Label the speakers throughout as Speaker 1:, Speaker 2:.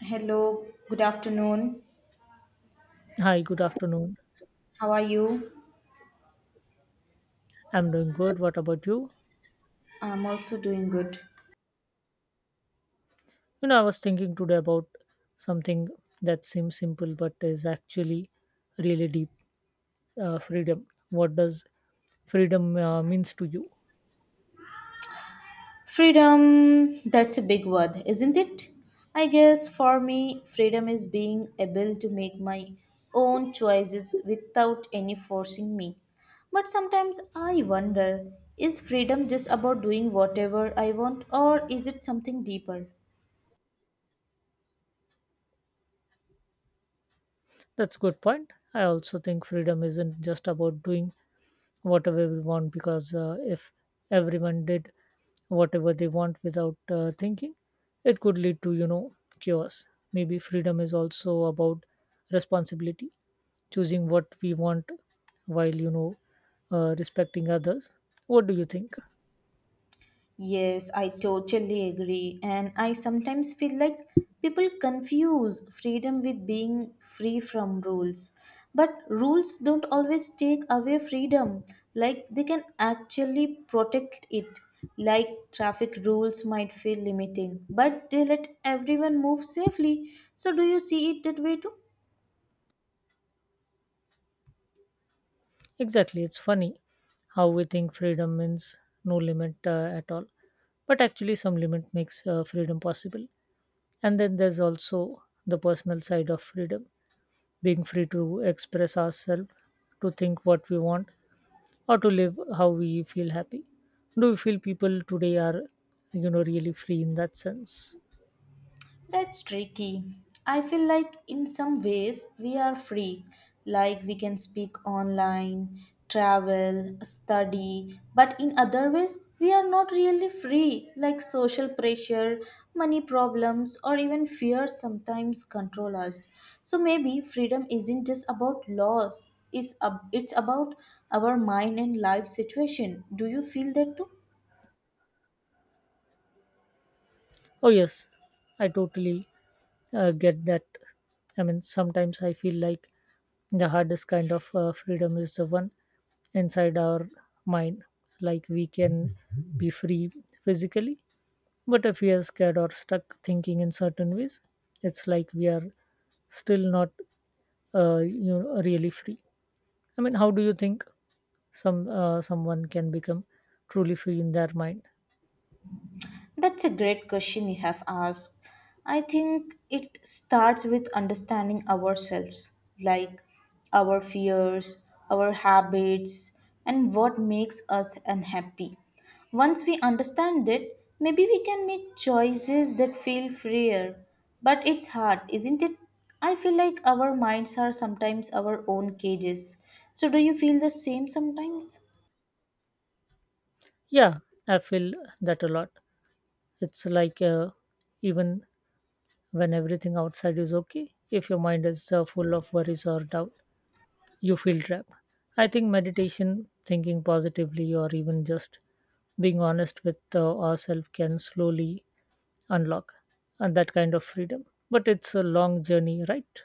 Speaker 1: Hello, good afternoon.
Speaker 2: Hi, good afternoon.
Speaker 1: How are you?
Speaker 2: I'm doing good. What about you?
Speaker 1: I'm also doing good.
Speaker 2: I was thinking today about something that seems simple but is actually really deep, freedom. What does freedom means to you?
Speaker 1: Freedom, that's a big word, isn't it? I guess for me, freedom is being able to make my own choices without any forcing me. But sometimes I wonder, is freedom just about doing whatever I want, or is it something deeper?
Speaker 2: That's a good point. I also think freedom isn't just about doing whatever we want because, if everyone did whatever they want without thinking, it could lead to, chaos. Maybe freedom is also about responsibility, choosing what we want while, respecting others. What do you think?
Speaker 1: Yes, I totally agree. And I sometimes feel like people confuse freedom with being free from rules. But rules don't always take away freedom, like, they can actually protect it. Like, traffic rules might feel limiting, but they let everyone move safely. So, do you see it that way too?
Speaker 2: Exactly. It's funny how we think freedom means no limit at all, but actually some limit makes freedom possible. And then there's also the personal side of freedom, being free to express ourselves, to think what we want, or to live how we feel happy. Do you feel people today are, really free in that sense?
Speaker 1: That's tricky. I feel like in some ways we are free, like we can speak online, travel, study, but in other ways we are not really free, like social pressure, money problems, or even fear sometimes control us. So maybe freedom isn't just about laws, it's, it's about our mind and life situation. Do you feel that too?
Speaker 2: Oh, yes, I totally get that. I mean, sometimes I feel like the hardest kind of freedom is the one inside our mind. Like we can be free physically, but if we are scared or stuck thinking in certain ways, it's like we are still not, really free. I mean, how do you think someone can become truly free in their mind?
Speaker 1: That's a great question you have asked. I think it starts with understanding ourselves, like our fears, our habits, and what makes us unhappy. Once we understand it, maybe we can make choices that feel freer. But it's hard, isn't it? I feel like our minds are sometimes our own cages. So, do you feel the same sometimes?
Speaker 2: Yeah, I feel that a lot. It's like, even when everything outside is okay, if your mind is full of worries or doubt, you feel trapped. I think meditation, thinking positively, or even just being honest with ourselves can slowly unlock and that kind of freedom. But it's a long journey, right?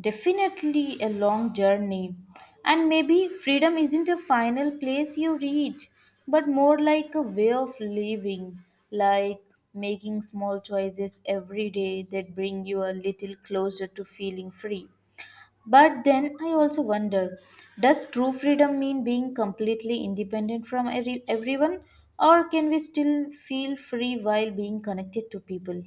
Speaker 1: Definitely a long journey. And maybe freedom isn't a final place you reach, but more like a way of living, like making small choices every day that bring you a little closer to feeling free. But then I also wonder, does true freedom mean being completely independent from everyone, or can we still feel free while being connected to people?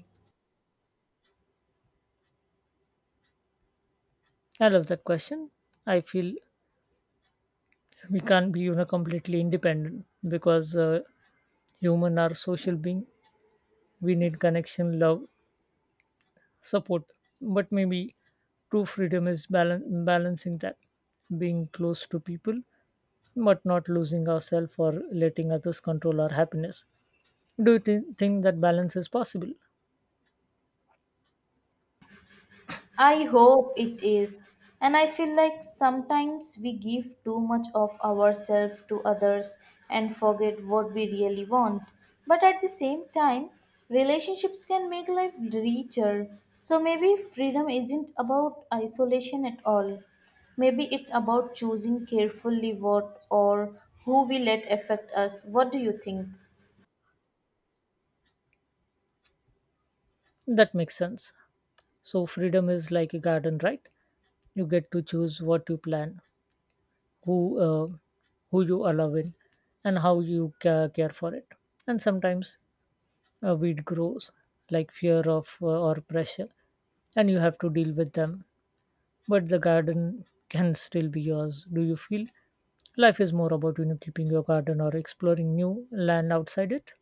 Speaker 2: I love that question. I feel we can't be, completely independent because, human are social being. We need connection, love, support, but maybe true freedom is balancing that, being close to people but not losing ourselves or letting others control our happiness. Do you think that balance is possible?
Speaker 1: I hope it is. And I feel like sometimes we give too much of ourselves to others and forget what we really want. But at the same time, relationships can make life richer. So maybe freedom isn't about isolation at all. Maybe it's about choosing carefully what or who we let affect us. What do you think?
Speaker 2: That makes sense. So freedom is like a garden, right? You get to choose what you plant, who, uh, who you allow in, and how you care for it. And sometimes a weed grows, like fear of, or pressure, and you have to deal with them, but the garden can still be yours. Do you feel life is more about, keeping your garden or exploring new land outside it?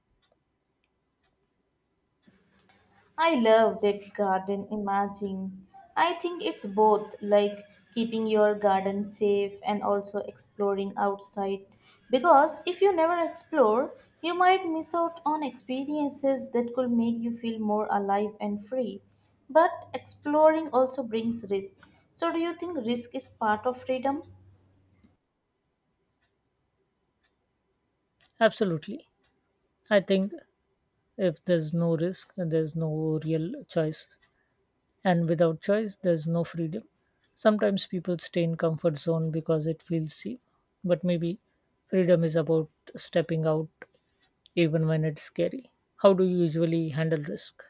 Speaker 1: I love that garden imaging. I think it's both, like keeping your garden safe and also exploring outside. Because if you never explore, you might miss out on experiences that could make you feel more alive and free. But exploring also brings risk. So, do you think risk is part of freedom?
Speaker 2: Absolutely. I think if there's no risk, there's no real choice, and without choice, there's no freedom. Sometimes people stay in comfort zone because it feels safe, but maybe freedom is about stepping out even when it's scary. How do you usually handle risk?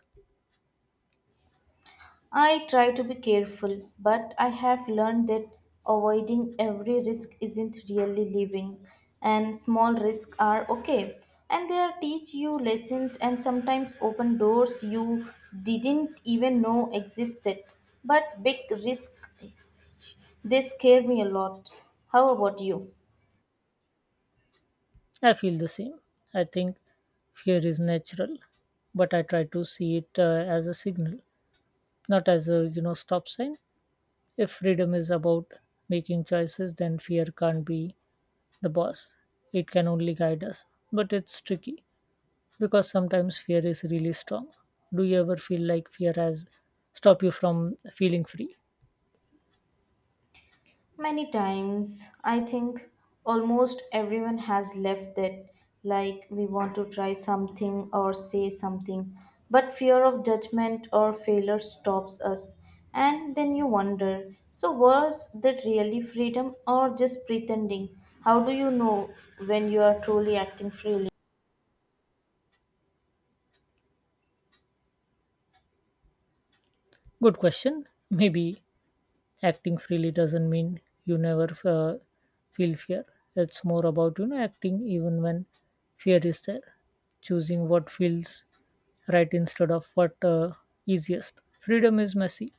Speaker 1: I try to be careful, but I have learned that avoiding every risk isn't really living, and small risks are okay. And they teach you lessons and sometimes open doors you didn't even know existed. But big risk, they scare me a lot. How about you?
Speaker 2: I feel the same. I think fear is natural, but I try to see it as a signal, not as a, stop sign. If freedom is about making choices, then fear can't be the boss. It can only guide us. But it's tricky because sometimes fear is really strong. Do you ever feel like fear has stopped you from feeling free?
Speaker 1: Many times, I think almost everyone has left that, like we want to try something or say something, but fear of judgment or failure stops us. And then you wonder, so, was that really freedom or just pretending? How do you know when you are truly acting freely?
Speaker 2: Good question. Maybe acting freely doesn't mean you never feel fear. It's more about, acting even when fear is there, choosing what feels right instead of what, easiest. Freedom is messy,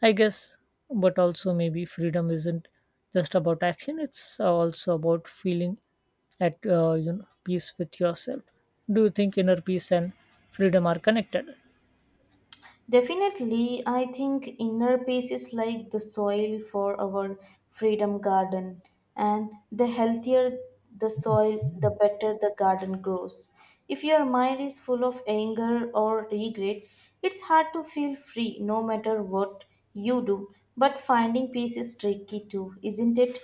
Speaker 2: I guess. But also maybe freedom isn't just about action, it's also about feeling at, peace with yourself. Do you think inner peace and freedom are connected?
Speaker 1: Definitely, I think inner peace is like the soil for our freedom garden, and the healthier the soil, the better the garden grows. If your mind is full of anger or regrets, it's hard to feel free no matter what you do. But finding peace is tricky too, isn't it?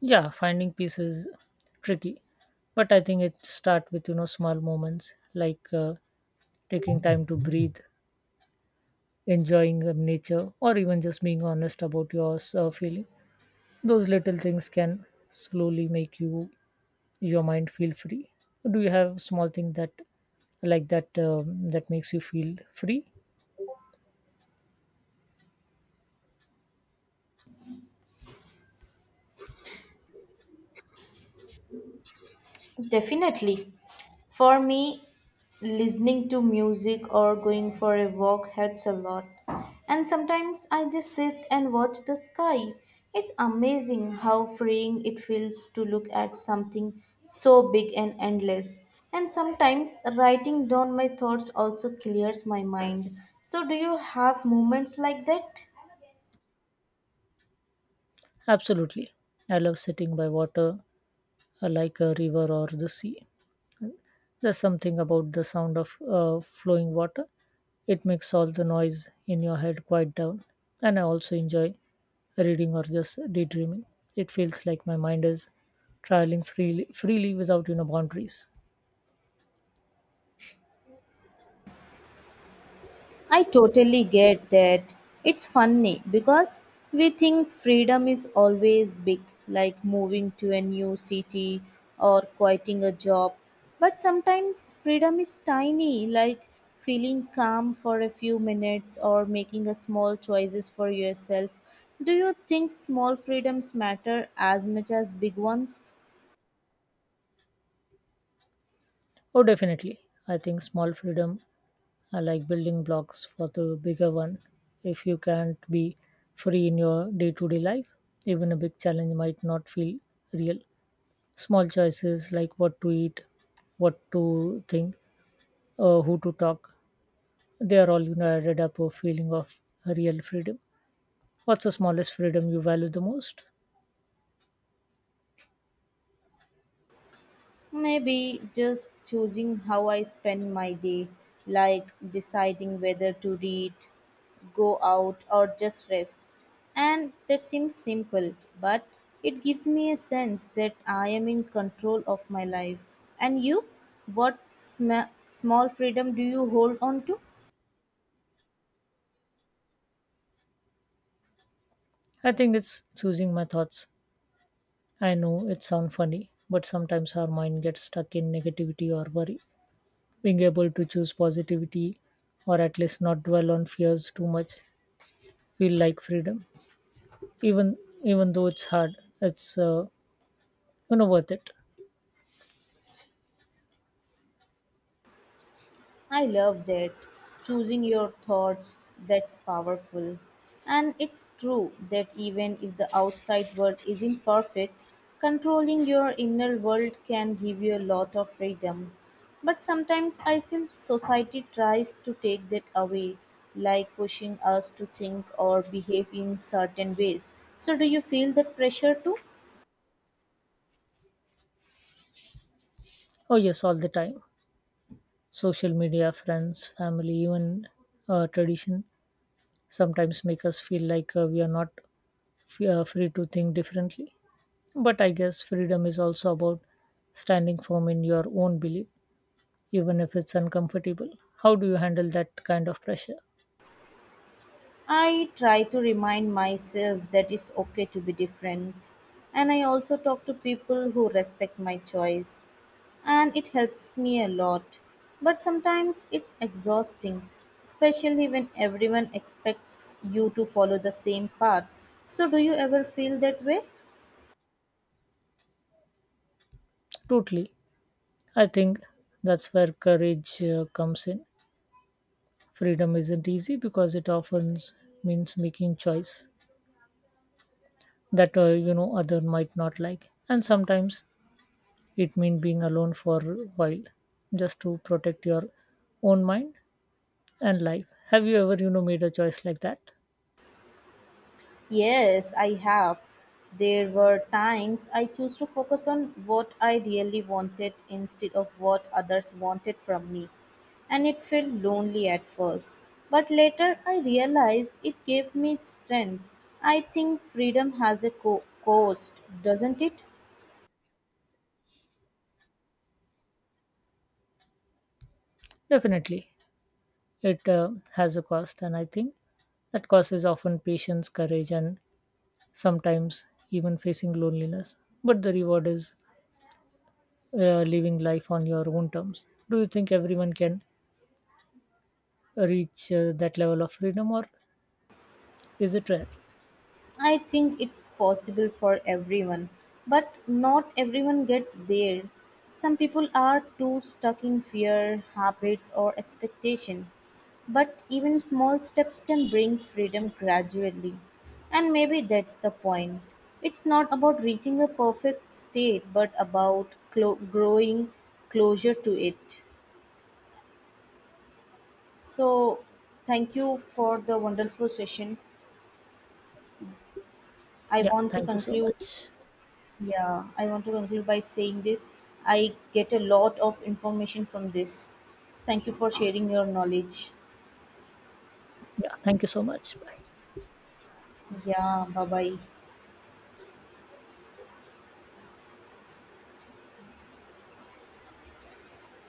Speaker 2: Yeah, finding peace is tricky, but I think it starts with, small moments like taking time to breathe, enjoying nature, or even just being honest about your feeling. Those little things can slowly make you your mind feel free. Do you have small thing that like that, that makes you feel free?
Speaker 1: Definitely. For me, listening to music or going for a walk helps a lot. And sometimes I just sit and watch the sky. It's amazing how freeing it feels to look at something so big and endless. And sometimes writing down my thoughts also clears my mind. So, do you have moments like that?
Speaker 2: Absolutely, I love sitting by water, like a river or the sea. There's something about the sound of flowing water. It makes all the noise in your head quiet down. And I also enjoy reading or just daydreaming. It feels like my mind is traveling freely, freely without, boundaries.
Speaker 1: I totally get that. It's funny because we think freedom is always big, like moving to a new city or quitting a job. But sometimes freedom is tiny, like feeling calm for a few minutes or making a small choices for yourself. Do you think small freedoms matter as much as big ones?
Speaker 2: Oh, definitely. I think small freedom are like building blocks for the bigger one. If you can't be free in your day-to-day life, even a big challenge might not feel real. Small choices like what to eat, what to think, who to talk. They are all, added up a feeling of real freedom. What's the smallest freedom you value the most?
Speaker 1: Maybe just choosing how I spend my day, like deciding whether to read, go out, or just rest. And that seems simple, but it gives me a sense that I am in control of my life. And you? What small freedom do you hold on to?
Speaker 2: I think it's choosing my thoughts. I know it sounds funny, but sometimes our mind gets stuck in negativity or worry. Being able to choose positivity or at least not dwell on fears too much feel like freedom. Even Even though it's hard, it's, worth it.
Speaker 1: I love that. Choosing your thoughts, that's powerful. And it's true that even if the outside world isn't perfect, controlling your inner world can give you a lot of freedom. But sometimes I feel society tries to take that away, like pushing us to think or behave in certain ways. So, do you feel that pressure too?
Speaker 2: Oh yes, all the time. Social media, friends, family, even tradition sometimes make us feel like we are not free to think differently. But I guess freedom is also about standing firm in your own belief, even if it's uncomfortable. How do you handle that kind of pressure?
Speaker 1: I try to remind myself that it's okay to be different. And I also talk to people who respect my choice. And it helps me a lot. But sometimes it's exhausting, especially when everyone expects you to follow the same path. So, do you ever feel that way?
Speaker 2: Totally. I think that's where courage comes in. Freedom isn't easy because it often means making choice that, other might not like, and sometimes it means being alone for a while just to protect your own mind and life. Have you ever, made a choice like that?
Speaker 1: Yes, I have. There were times I chose to focus on what I really wanted instead of what others wanted from me, and it felt lonely at first. But later I realized it gave me strength. I think freedom has a cost, doesn't it?
Speaker 2: Definitely. It has a cost, and I think that cost is often patience, courage, and sometimes even facing loneliness. But the reward is living life on your own terms. Do you think everyone can reach that level of freedom or is it rare?
Speaker 1: I think it's possible for everyone, but not everyone gets there. Some people are too stuck in fear, habits, or expectation. But even small steps can bring freedom gradually. And maybe that's the point. It's not about reaching a perfect state, but about growing closer to it. So, thank you for the wonderful session. I
Speaker 2: Yeah,
Speaker 1: want to
Speaker 2: thank you so
Speaker 1: conclude.
Speaker 2: much.
Speaker 1: Yeah, I want to conclude by saying this. I get a lot of information from this. Thank you for sharing your knowledge.
Speaker 2: Yeah, thank you so much, bye.
Speaker 1: Yeah, bye bye.